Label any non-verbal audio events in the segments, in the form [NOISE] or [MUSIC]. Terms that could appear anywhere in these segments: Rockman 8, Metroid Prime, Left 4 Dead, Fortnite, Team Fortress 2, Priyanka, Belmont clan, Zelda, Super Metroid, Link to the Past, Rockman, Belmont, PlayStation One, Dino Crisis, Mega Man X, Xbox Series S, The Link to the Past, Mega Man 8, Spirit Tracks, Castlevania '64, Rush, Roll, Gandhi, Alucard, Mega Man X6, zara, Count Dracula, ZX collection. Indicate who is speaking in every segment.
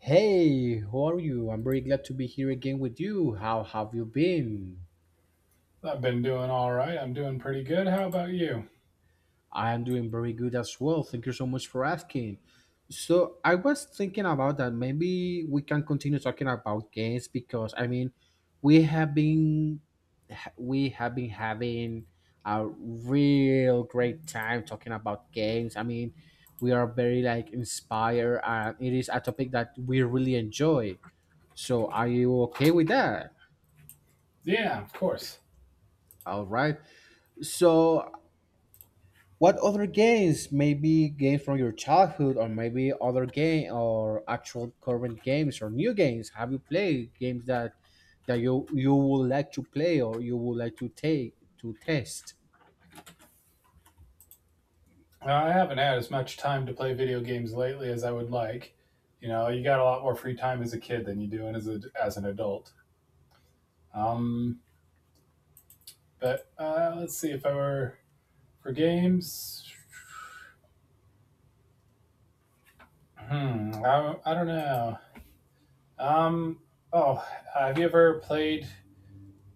Speaker 1: Hey, how are you? I'm very glad to be here again with you. How have you been?
Speaker 2: I've been doing all right. I'm doing pretty good. How about you?
Speaker 1: I am doing very good as well. Thank you so much for asking. So, I was thinking about that maybe we can continue talking about games because I mean, we have been we have been having a real great time talking about games. I mean, we are very like inspired and it is a topic that we really enjoy. So, are you okay with that?
Speaker 2: Yeah, of course.
Speaker 1: All right. So, what other games? Maybe games from your childhood, or maybe other game, or actual current games, or new games. Have you played games that you would like to play, or you would like to take to test?
Speaker 2: I haven't had as much time to play video games lately as I would like. You know, you got a lot more free time as a kid than you do as an adult. Um, but let's see if I were for games. I don't know. Um, oh, have you ever played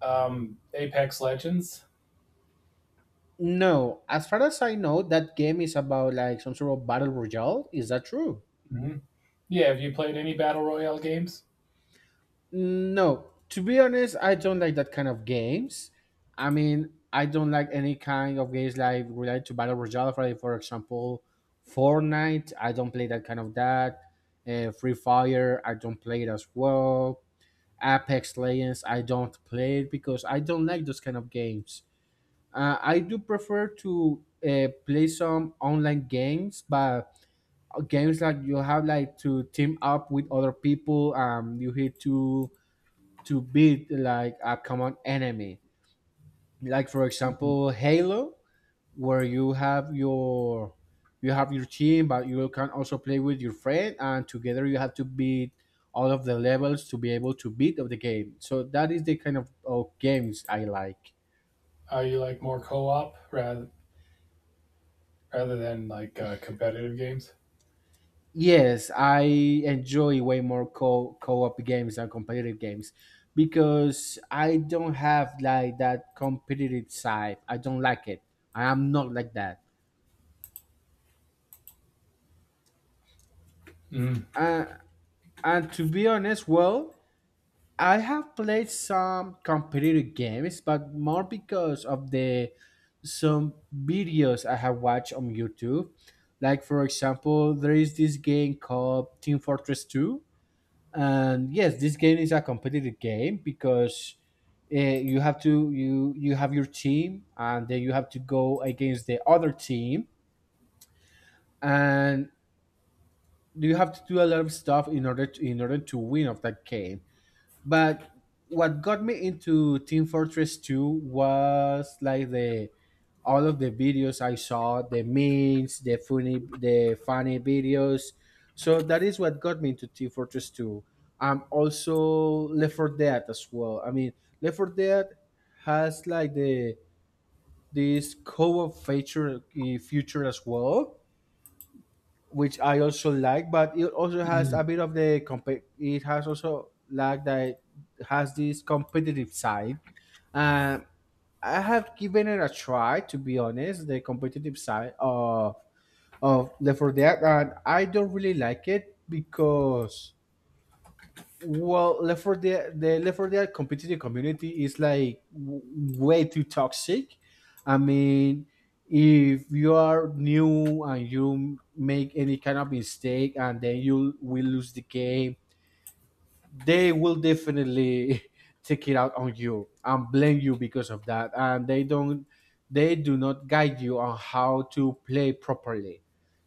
Speaker 2: Apex Legends?
Speaker 1: No, as far as I know, that game is about like some sort of battle royale. Is that true?
Speaker 2: Hmm Yeah, have you played any battle royale games?
Speaker 1: No, to be honest, I don't like that kind of games. I mean, I don't like any kind of games like related to Battle Royale, for example, Fortnite. I don't play that kind of that. Free Fire, I don't play it as well. Apex Legends, I don't play it because I don't like those kind of games. I do prefer to play some online games, but games like you have like to team up with other people. You hit to beat like a common enemy. Like for
Speaker 2: Mhm.
Speaker 1: example, Halo, where you have your team, but you can also play with your friend, and together you have to beat all of the levels to be able to beat of the game. So that is the kind of games I like.
Speaker 2: You like more co-op rather than like competitive games.
Speaker 1: Yes, I enjoy way more co co-op games than competitive games because I don't have like that competitive side. I don't like it. I am not like that.
Speaker 2: Mm.
Speaker 1: Uh, And to be honest, well, I have played some competitive games, but more because of the some videos I have watched on YouTube. Like for example, there is this game called Team Fortress 2. And yes, this game is a competitive game because you have your team and then you have to go against the other team and you have to do a lot of stuff in order to win of that game. But what got me into Team Fortress 2 was like the all of the videos I saw, the memes, the funny videos. So that is what got me into Team Fortress 2. Also Left 4 Dead as well. I mean Left 4 Dead has like the this co-op feature eh, future as well, which I also like, but it also has a
Speaker 2: Mm.
Speaker 1: bit of the comp- it has also like that it has this competitive side. Um, I have given it a try, to be honest, the competitive side of Left 4 Dead, and I don't really like it because, well, Left 4 Dead competitive community is like way too toxic. I mean, if you are new and you make any kind of mistake and then you will lose the game, they will definitely [LAUGHS] take it out on you and blame you because of that, and they don't, they do not guide you on how to play properly.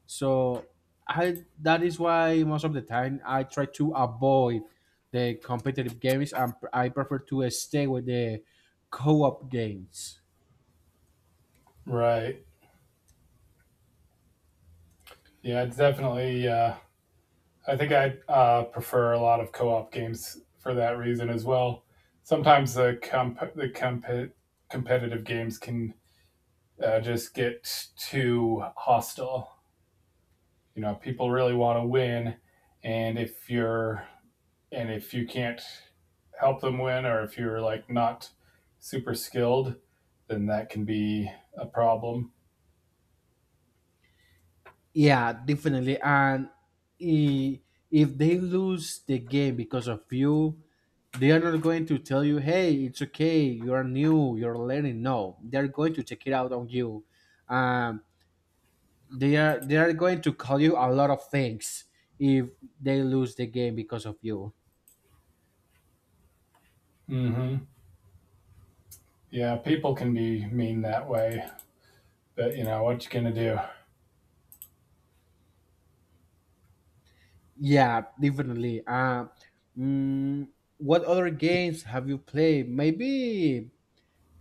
Speaker 1: So I that is why most of the time I try to avoid the competitive games and I prefer to stay with the co-op games.
Speaker 2: Right. Yeah, it's definitely. I think I prefer a lot of co-op games for that reason as well. Sometimes the competitive games can just get too hostile. You know, people really want to win, and if you can't help them win, or if you're like not super skilled, then that can be a problem.
Speaker 1: Yeah, definitely. And i- if they lose the game because of you, they are not going to tell you, "Hey, it's okay. You are new. You're learning." No, they're going to check it out on you. Um, they are going to call you a lot of things if they lose the game because of you.
Speaker 2: Mm-hmm. Yeah, people can be mean that way, but you know what you gonna do.
Speaker 1: Yeah, definitely. Mm, what other games have you played? Maybe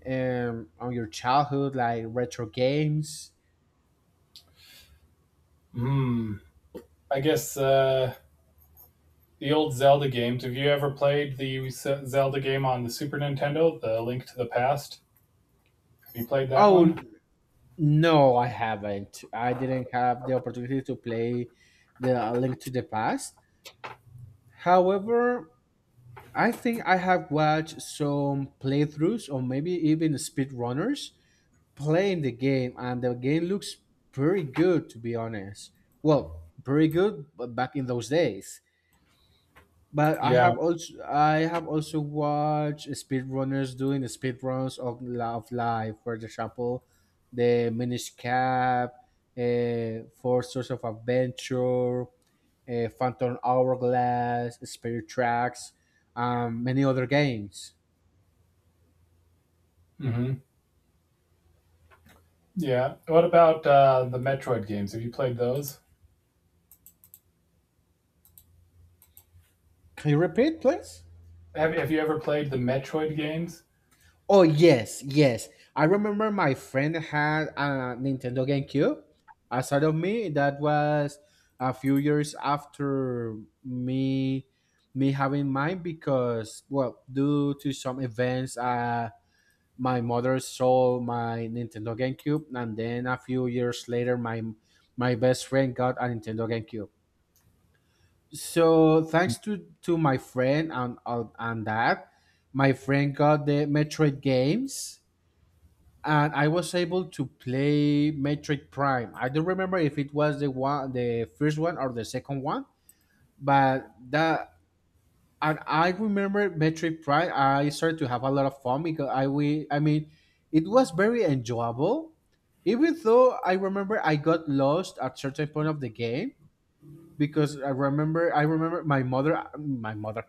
Speaker 1: on your childhood, like retro games.
Speaker 2: Hmm. I guess the old Zelda games. Have you ever played the Zelda game on the Super Nintendo, The Link to the Past? Have you played that one?
Speaker 1: Oh, no, I haven't. I didn't have the opportunity to play the Link to the Past. However, I think I have watched some playthroughs or maybe even speedrunners playing the game, and the game looks pretty good, to be honest. Well, pretty good but back in those days. But
Speaker 2: Yeah.
Speaker 1: I have also watched speedrunners doing the speedruns of Love Live. For example, the Minish Cap, Four Source of Adventure, Phantom Hourglass, Spirit Tracks, many other games.
Speaker 2: hmm Yeah. What about the Metroid games? Have you played those?
Speaker 1: Can you repeat, please?
Speaker 2: Have you ever played the Metroid games?
Speaker 1: Oh yes, yes. I remember my friend had a Nintendo GameCube. Aside of me, that was a few years after me me having mine because, well, due to some events, my mother sold my Nintendo GameCube, and then a few years later, my best friend got a Nintendo GameCube. So thanks to my friend and that, my friend got the Metroid games and I was able to play Metric Prime. I don't remember if it was the one, the first one or the second one, but that, and I remember Metric Prime. I started to have a lot of fun because I mean, it was very enjoyable. Even though I remember I got lost at certain point of the game, because I remember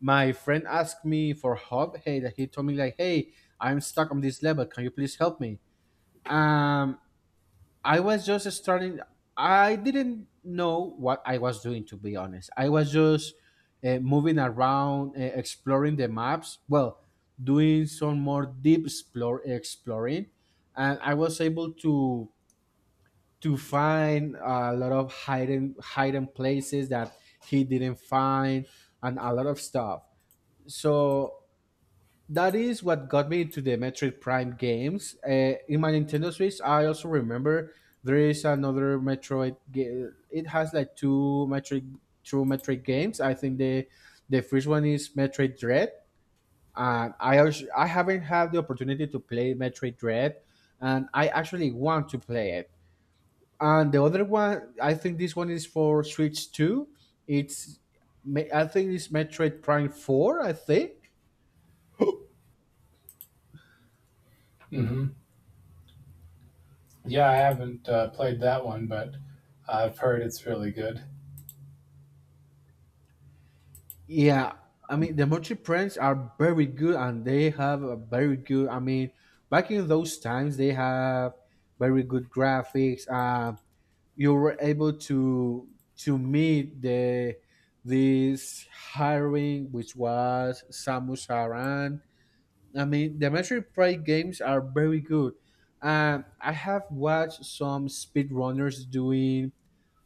Speaker 1: my friend asked me for help. Hey, that he told me like, hey, I'm stuck on this level. Can you please help me? Um, I was just starting. I didn't know what I was doing, to be honest. I was just moving around, exploring the maps. Well, doing some more deep explore exploring, and I was able to find a lot of hidden places that he didn't find, and a lot of stuff. So that is what got me into the Metroid Prime games. In my Nintendo Switch, I also remember there is another Metroid. It has like two Metroid games. I think the first one is Metroid Dread, and I also, I haven't had the opportunity to play Metroid Dread, and I actually want to play it. And the other one, I think this one is for Switch Two. It's I think it's Metroid Prime Four, I think.
Speaker 2: Hmm Yeah, I haven't played that one, but I've heard it's really good.
Speaker 1: Yeah, I mean the Montreal Prince are very good, and they have a very good. I mean, back in those times, they have very good graphics. You were able to meet the this hiring, which was Samus Aran. I mean, the Metroid Prime games are very good. I have watched some speedrunners doing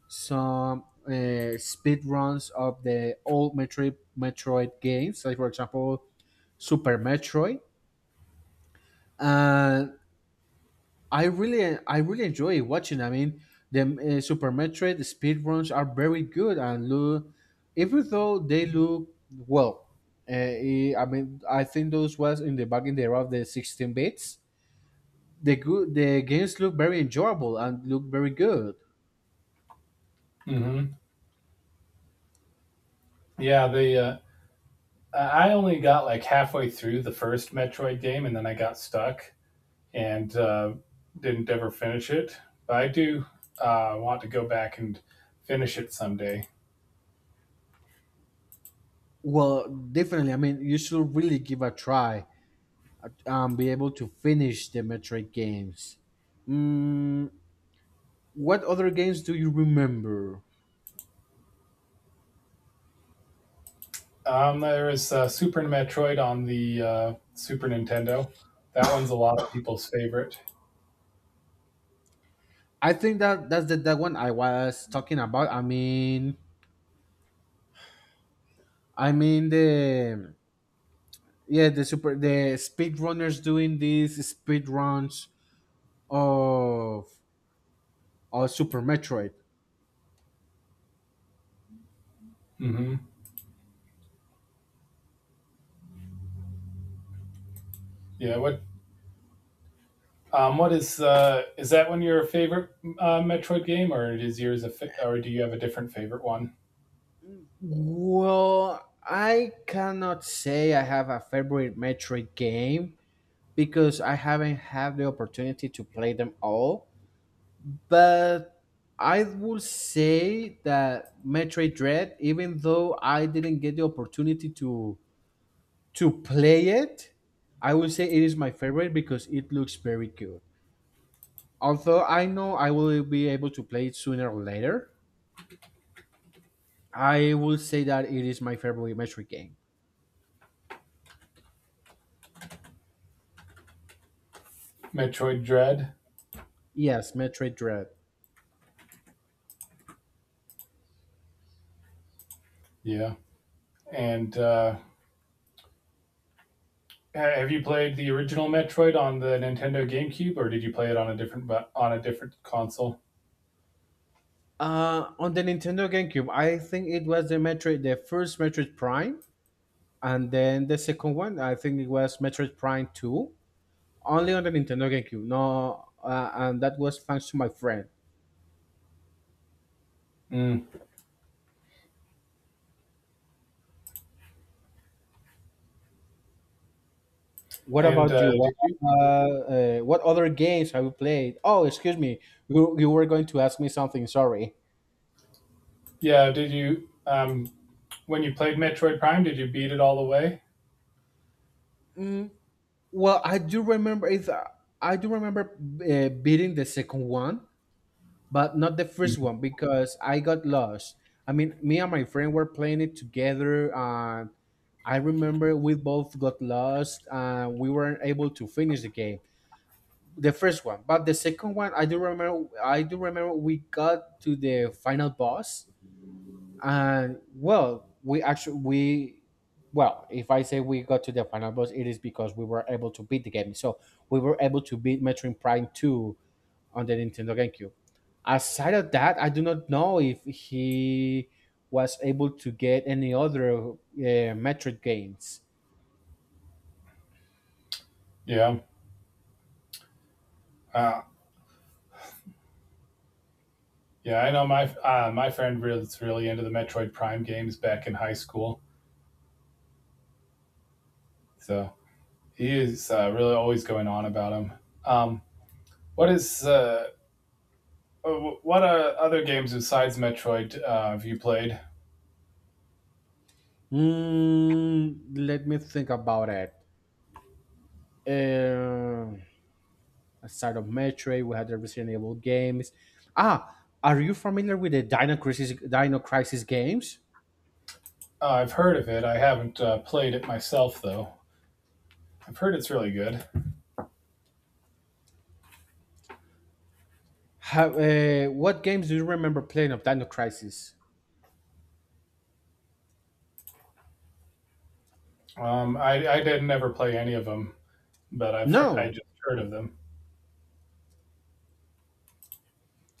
Speaker 1: some speed runs of the old Metroid games, like for example Super Metroid, and I really enjoy watching. I mean, the Super Metroid speed runs are very good and look, even though they look, well. I mean, I think those was in the back in the era of the 16 bits. The games look very enjoyable and look very good.
Speaker 2: Hmm Yeah, the I only got like halfway through the first Metroid game, and then I got stuck and didn't ever finish it. But I do want to go back and finish it someday.
Speaker 1: Well, definitely. I mean, you should really give a try, be able to finish the Metroid games. Mm, what other games do you remember?
Speaker 2: There is Super Metroid on the Super Nintendo. That one's a lot of people's favorite.
Speaker 1: I think that that one I was talking about. I mean the yeah the super the speed runners doing these speed runs of of Super Metroid.
Speaker 2: Hmm Yeah. What? What is? Is that one your favorite Metroid game, or is or do you have a different favorite one?
Speaker 1: Well, I cannot say I have a favorite Metroid game because I haven't had the opportunity to play them all. But I will say that Metroid Dread, even though I didn't get the opportunity to play it, I will say it is my favorite because it looks very good. Although I know I will be able to play it sooner or later, I will say that it is my favorite Metroid game.
Speaker 2: Metroid Dread.
Speaker 1: Yes, Metroid Dread.
Speaker 2: Yeah. And Have you played the original Metroid on the Nintendo GameCube, or did you play it on on a different console?
Speaker 1: On the Nintendo GameCube, I think it was the first Metroid Prime, and then the second one, I think it was Metroid Prime Two only on the Nintendo GameCube. No, and that was thanks to my friend.
Speaker 2: Mm.
Speaker 1: What
Speaker 2: And
Speaker 1: about you?
Speaker 2: did you?
Speaker 1: Uh, what other games have you played? Oh, excuse me, you were going to ask me something. Sorry.
Speaker 2: Yeah, did you? When you played Metroid Prime, did you beat it all the way?
Speaker 1: Mm, well, I do remember it. I do remember beating the second one, but not the first
Speaker 2: Mhm.
Speaker 1: one because I got lost. I mean, me and my friend were playing it together, and I remember we both got lost, and we weren't able to finish the game the first one, but the second one, I do remember we got to the final boss, and, well, we actually we, well, if I say we got to the final boss it is because we were able to beat the game. So we were able to beat Metroid Prime 2 on the Nintendo GameCube. Aside of that, I do not know if he was able to get any other Metroid games.
Speaker 2: Yeah, uh, yeah. I know my friend was really into the Metroid Prime games back in high school, so he is really always going on about them. Um, what is uh, what other games besides Metroid have you played?
Speaker 1: Let me think about it. Um a start of Metroid. We had the Resident Evil games. Ah, are you familiar with the Dino Crisis games?
Speaker 2: I've heard of it. I haven't played it myself though. I've heard it's really good.
Speaker 1: What games do you remember playing of Dino Crisis?
Speaker 2: I did never play any of them, but I
Speaker 1: No,
Speaker 2: just heard of them.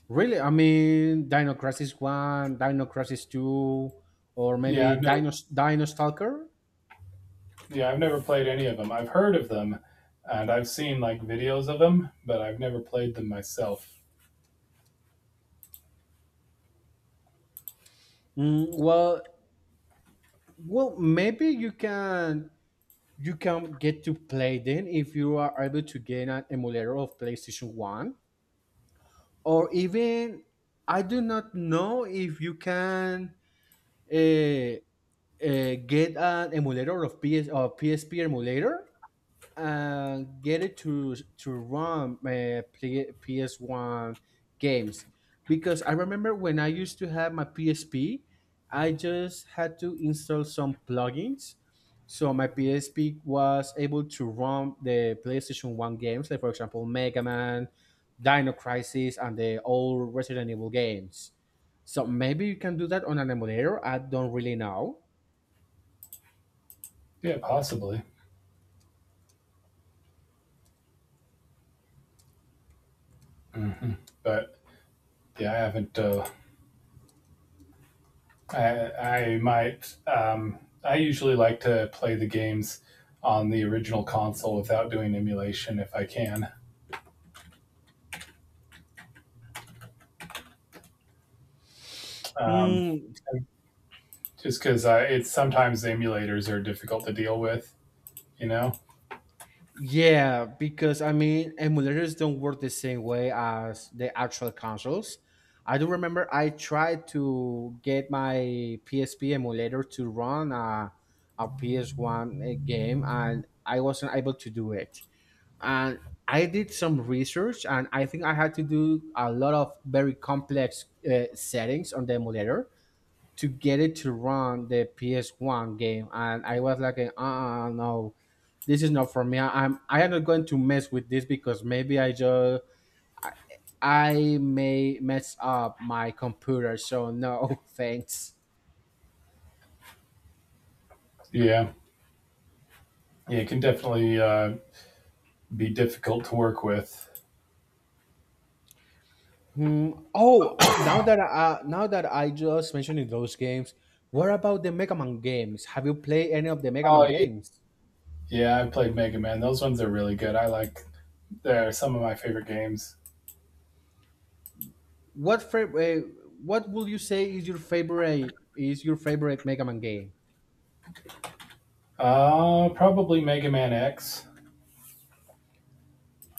Speaker 1: really. I mean, Dino Crisis One, Dino Crisis Two, or
Speaker 2: Yeah,
Speaker 1: maybe
Speaker 2: I've never
Speaker 1: Dino Stalker.
Speaker 2: yeah, I've never played any of them. I've heard of them, and I've seen like videos of them, but I've never played them myself.
Speaker 1: Mm, well, well, maybe you can get to play then if you are able to gain an emulator of PlayStation One. Or even I do not know if you can uh, uh, get an emulator of PS or PSP emulator get it to run PS One games, because I remember when I used to have my PSP, I just had to install some plugins, so my PSP was able to run the PlayStation One games, like for example Mega Man, Dino Crisis, and the old Resident Evil games. So maybe you can do that on an emulator. I don't really know.
Speaker 2: Yeah, possibly. Hmm But yeah, I haven't. I I might. I usually like to play the games on the original console without doing emulation if I can. Um,
Speaker 1: Hmm.
Speaker 2: just because it's sometimes emulators are difficult to deal with, you know?
Speaker 1: Yeah, because I mean, emulators don't work the same way as the actual consoles. I do remember I tried to get my PSP emulator to run a PS1 game and I wasn't able to do it. And I did some research and I think I had to do a lot of very complex settings on the emulator to get it to run the PS1 game. And I was like, no, this is not for me. I am not going to mess with this because maybe I, I may mess up my computer. So no, [LAUGHS] thanks.
Speaker 2: Yeah, yeah, it can definitely be difficult to work with.
Speaker 1: Hmm. Oh, now that I just mentioned those games, what about the Mega Man games? Have you played any of the Mega
Speaker 2: Oh,
Speaker 1: Man
Speaker 2: yeah,
Speaker 1: games?
Speaker 2: yeah, I played Mega Man. Those ones are really good. I like, they're some of my favorite games.
Speaker 1: What fa- uh, What would you say is your favorite? Is your favorite Mega Man game?
Speaker 2: Probably Mega Man X.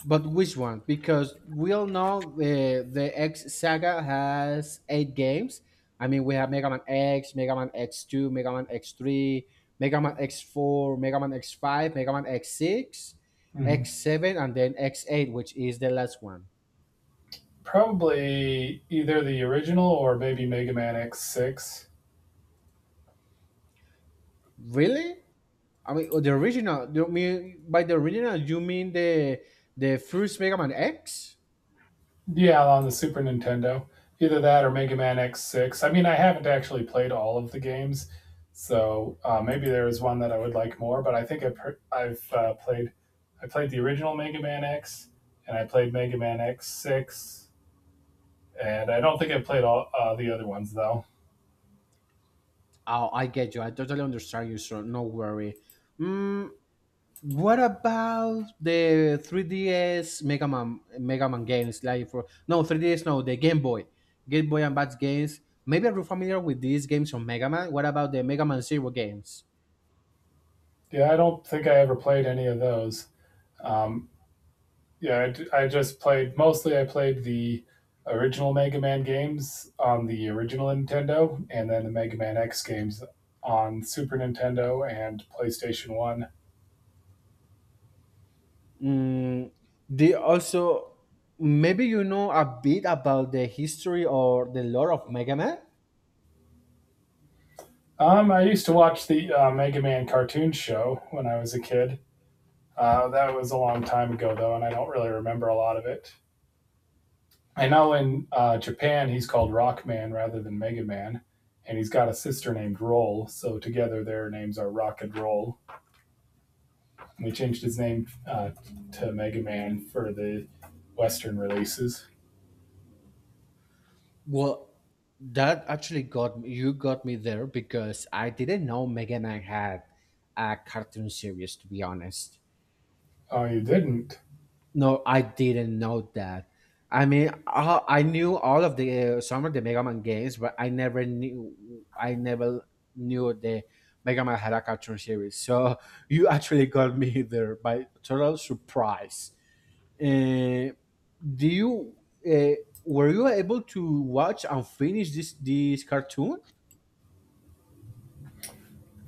Speaker 1: But which one? Because we all know the X saga has eight games. I mean, we have Mega Man X, Mega Man X two, Mega Man X three, Mega Man X four, Mega Man X five, Mega Man X six, X
Speaker 2: Mhm.
Speaker 1: seven, and then X eight, which is the last one.
Speaker 2: Probably either the original or maybe Mega Man X6.
Speaker 1: Really? I mean, the original. You mean by the original you mean the first Mega Man X?
Speaker 2: Yeah, on the Super Nintendo. Either that or Mega Man X6. I mean, I haven't actually played all of the games, so maybe there is one that I would like more. But I think I played the original Mega Man X, and I played Mega Man X6, and I don't think I played all the other ones though.
Speaker 1: Oh, I get you. I totally understand you, sir. No worry. Mm, what about the 3DS Mega Man games? Like for no 3DS, no the Game Boy, Game Boy Advance games. Maybe are you familiar with these games from Mega Man? What about the Mega Man Zero games?
Speaker 2: Yeah, I don't think I ever played any of those. Um, yeah, I played the original Mega Man games on the original Nintendo, and then the Mega Man X games on Super Nintendo and PlayStation One.
Speaker 1: Mm, they also maybe you know a bit about the history or the lore of Mega Man.
Speaker 2: I used to watch the Mega Man cartoon show when I was a kid. That was a long time ago though, and I don't really remember a lot of it. I know in Japan he's called Rockman rather than Mega Man, and he's got a sister named Roll, so together their names are Rock and Roll. They changed his name to Mega Man for the Western releases.
Speaker 1: Well, that actually got me, you got me there because I didn't know Mega Man had a cartoon series. To be honest.
Speaker 2: Oh, you didn't
Speaker 1: No, I didn't know that. I mean, I knew all of the some of the Mega Man games, but I never knew the Mega Man had a cartoon series. So [LAUGHS] you actually got me there by total surprise. Uh, do you uh, were you able to watch and finish this cartoon?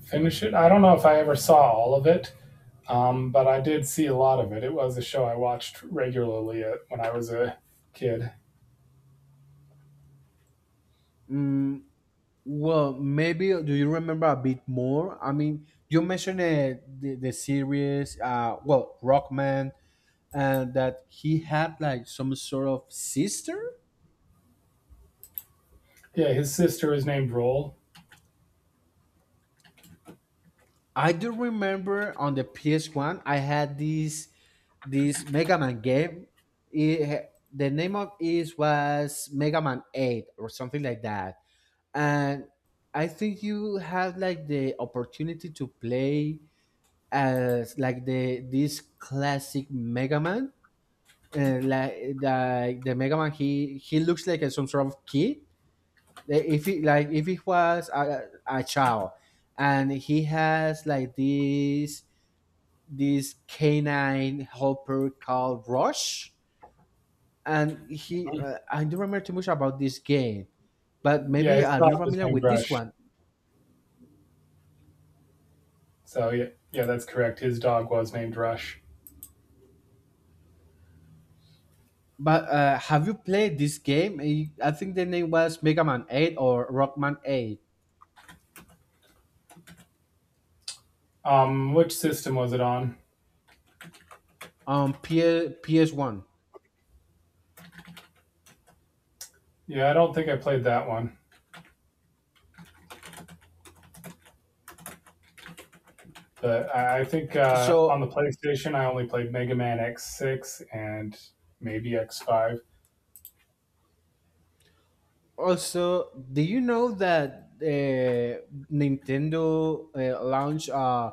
Speaker 2: finish it? I don't know if I ever saw all of it, but I did see a lot of it. It was a show I watched regularly when I was a kid.
Speaker 1: Mm, well, maybe do you remember a bit more? I mean, you mentioned the series. Well, Rockman, and that he had like some sort of sister.
Speaker 2: Yeah, his sister was named Roll.
Speaker 1: I do remember on the PS1 I had this Mega Man game. It, the name of it was Mega Man 8 or something like that. And I think you had like the opportunity to play as like the this classic Mega Man. Like the Mega Man, he looks like some sort of kid, if it like if it was a child, and he has like this canine helper called Rush, and he I don't remember too much about this game, but
Speaker 2: Yeah,
Speaker 1: maybe
Speaker 2: his
Speaker 1: I'll
Speaker 2: dog
Speaker 1: be
Speaker 2: was
Speaker 1: familiar
Speaker 2: named
Speaker 1: with this
Speaker 2: Rush.
Speaker 1: one.
Speaker 2: So yeah, yeah, that's correct. His dog was named Rush.
Speaker 1: But have you played this game? I think the name was Mega Man 8 or Rockman 8
Speaker 2: Which system was it on?
Speaker 1: on PS1.
Speaker 2: Yeah, I don't think I played that one. But I think on the
Speaker 1: So
Speaker 2: PlayStation, I only played Mega Man X6 and maybe X5.
Speaker 1: also, do you know that Nintendo launched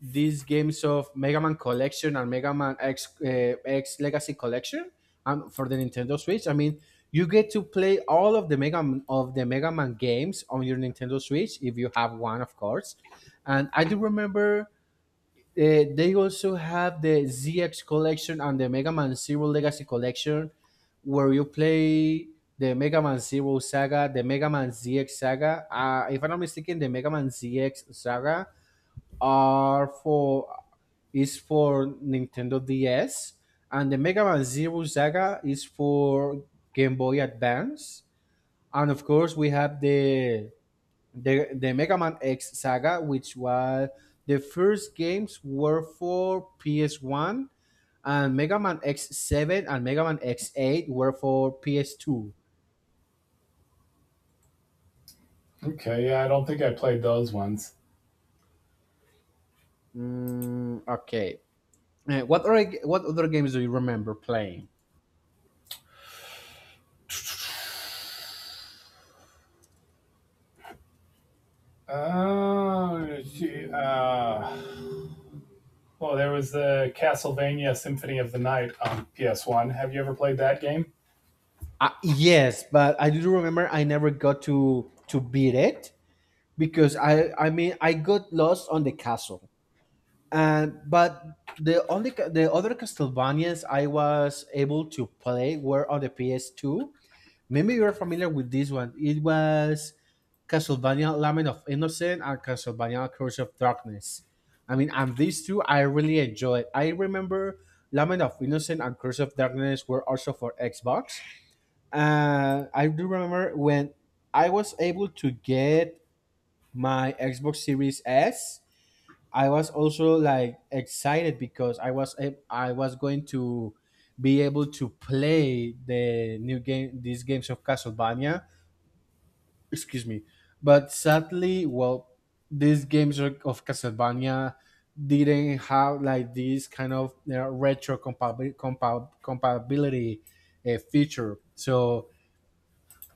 Speaker 1: these games of Mega Man Collection and Mega Man X X Legacy Collection, for the Nintendo Switch? I mean, you get to play all of the Mega Man, of the Mega Man games on your Nintendo Switch if you have one, of course. And I do remember they also have the ZX collection and the Mega Man Zero Legacy collection, where you play the Mega Man Zero saga, the Mega Man ZX saga. If I'm not mistaken, the Mega Man ZX saga are for is for Nintendo DS, and the Mega Man Zero saga is for Game Boy Advance. And of course, we have the the Mega Man X Saga, which was the first games were for PS One, and Mega Man X Seven and Mega Man X Eight were for PS Two.
Speaker 2: Okay, yeah, I don't think I played those ones.
Speaker 1: Mm, okay. What other games do you remember playing?
Speaker 2: Oh, gee, uh, well, there was the Castlevania Symphony of the Night on PS1. Have you ever played that game?
Speaker 1: Yes, but I do remember I never got to beat it because I mean I got lost on the castle. And but the only the other Castlevanias I was able to play were on the PS2. Maybe you're familiar with this one. It was Castlevania Lament of Innocence and Castlevania Curse of Darkness. I mean, and these two I really enjoyed. I remember Lament of Innocence and Curse of Darkness were also for Xbox. I do remember when I was able to get my Xbox Series S. I was also like excited because I was going to be able to play the new game these games of Castlevania. Excuse me. But sadly, well, these games of Castlevania didn't have like this kind of, you know, retro compatibility feature. So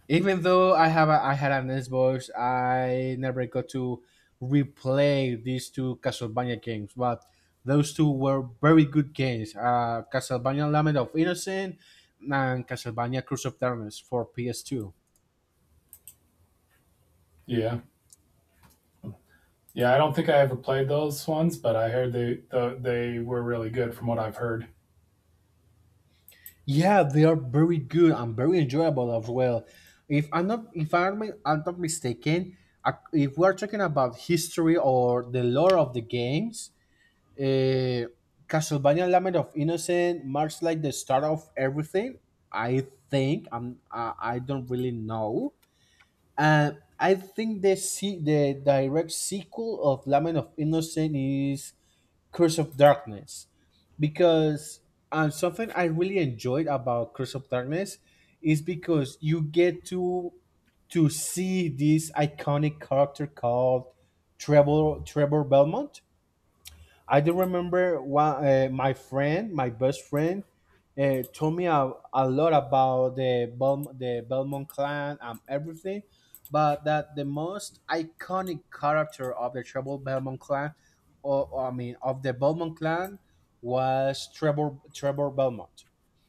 Speaker 1: even though I had an Xbox, I never got to replay these two Castlevania games, but those two were very good games. Castlevania Lament of Innocence and Castlevania Curse of Darkness for PS2.
Speaker 2: Yeah, yeah, I don't think I ever played those ones, but I heard they were really good from what I've heard.
Speaker 1: Yeah, they are very good and very enjoyable as well. If I'm not if I'm, I'm not mistaken, if we're talking about history or the lore of the games, Uh, Castlevania Lament of Innocent marks like the start of everything. I don't really know. Uh, I think the the direct sequel of Lament of Innocent is Curse of Darkness, because something I really enjoyed about Curse of Darkness is because you get to see this iconic character called Trevor Belmont. I do remember one, my friend, my best friend, told me a lot about the the Belmont clan and everything, but that the most iconic character of the Trevor Belmont clan, or, I mean, of the Belmont clan, was Trevor Belmont.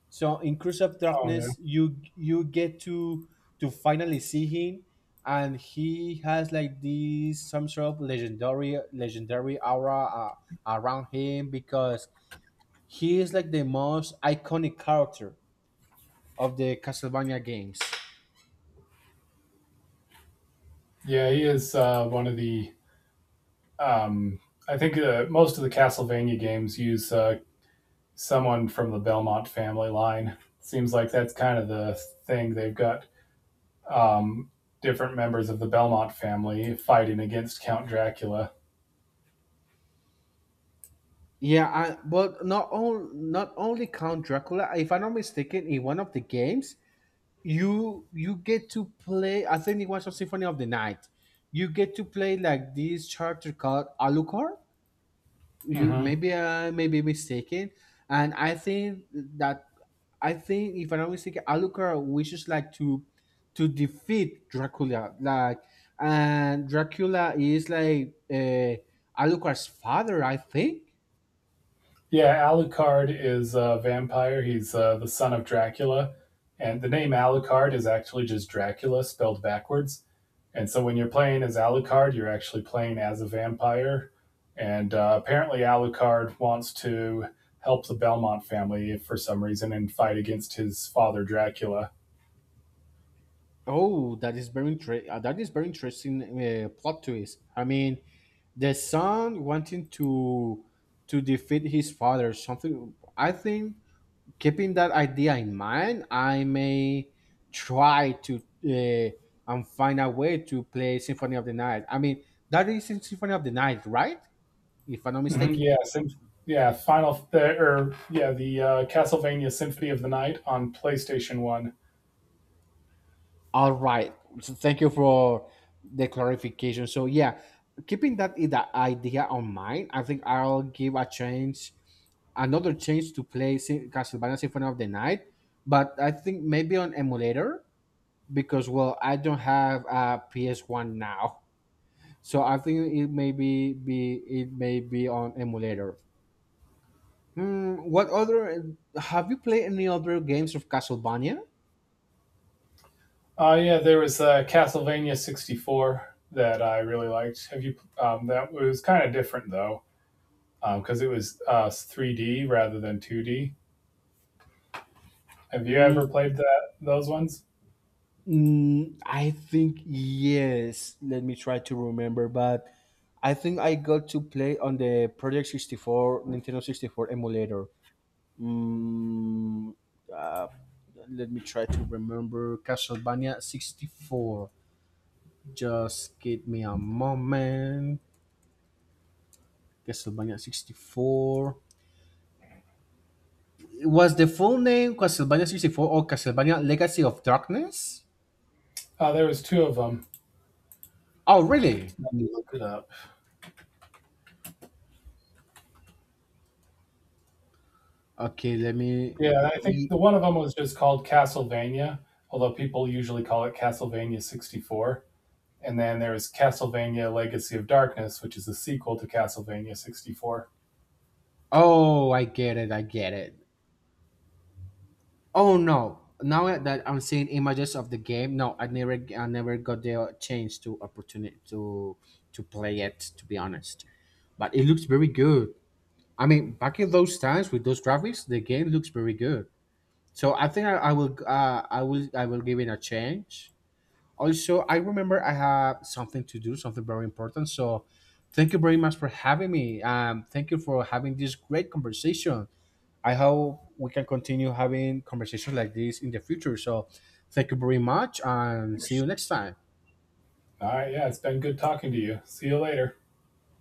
Speaker 1: So in Cruise of
Speaker 2: Oh yeah,
Speaker 1: Darkness, you get to finally see him, and he has like this some sort of legendary aura around him because he is like the most iconic character of the Castlevania games.
Speaker 2: yeah, he is one of the. Um, I think most of the Castlevania games use someone from the Belmont family line. Seems like that's kind of the thing they've got um, different members of the Belmont family fighting against Count Dracula.
Speaker 1: But not all, not only Count Dracula. If I'm not mistaken, in one of the games, you get to play. I think it was a Symphony of the Night. You get to play like this character called Alucard, you
Speaker 2: Mm-hmm.
Speaker 1: maybe I may be mistaken, and I think if I'm not mistaken, Alucard wishes like to defeat Dracula, like, and Dracula is like Alucard's father, I think.
Speaker 2: Yeah, Alucard is a vampire. He's the son of Dracula. And the name Alucard is actually just Dracula spelled backwards. And so when you're playing as Alucard, you're actually playing as a vampire. And apparently, Alucard wants to help the Belmont family for some reason and fight against his father, Dracula.
Speaker 1: Oh, that is very interesting plot twist. I mean, the son wanting to defeat his father, something. I think keeping that idea in mind, I may try to and find a way to play Symphony of the Night. I mean, that is in Symphony of the Night, right? If I'm not
Speaker 2: Mhm,
Speaker 1: mistaken.
Speaker 2: Yeah, sym- yeah, Final the, or yeah, the Castlevania Symphony of the Night on PlayStation One.
Speaker 1: All right. So thank you for the clarification. So yeah, keeping that that idea on mind, I think I'll give a change, another change to play Castlevania Symphony of the Night, but I think maybe on emulator, because well, I don't have a PS1 now. So I think it may be on emulator. Hmm, what other have you played any other games of Castlevania?
Speaker 2: Yeah, there was Castlevania '64 that I really liked. Have you? That was kind of different though, because it was 3D rather than 2D. Have you ever
Speaker 1: Mm,
Speaker 2: played that those ones?
Speaker 1: I think yes. Let me try to remember, but I think I got to play on the Project 64 Nintendo 64 emulator. Mm, uh, let me try to remember Castlevania 64. Just give me a moment. Castlevania 64. Was the full name Castlevania 64 or Castlevania Legacy of Darkness?
Speaker 2: There was two of them.
Speaker 1: Oh, really?
Speaker 2: Let me look it up.
Speaker 1: Okay, let me.
Speaker 2: Yeah, I think
Speaker 1: e-
Speaker 2: the one of them was just called Castlevania, although people usually call it Castlevania 64. And then there was Castlevania Legacy of Darkness, which is a sequel to Castlevania 64.
Speaker 1: Oh, I get it. I get it. Oh no! Now that I'm seeing images of the game, no, I never got the chance to opportunity to play it. To be honest, but it looks very good. I mean, back in those times with those graphics, the game looks very good. So I think I will give it a change. Also, I remember I have something to do, something very important. So, thank you very much for having me. Thank you for having this great conversation. I hope we can continue having conversations like this in the future. So, thank you very much and see you next time.
Speaker 2: All right, yeah, it's been good talking to you. See you later.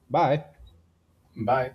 Speaker 1: Bye.
Speaker 2: Bye.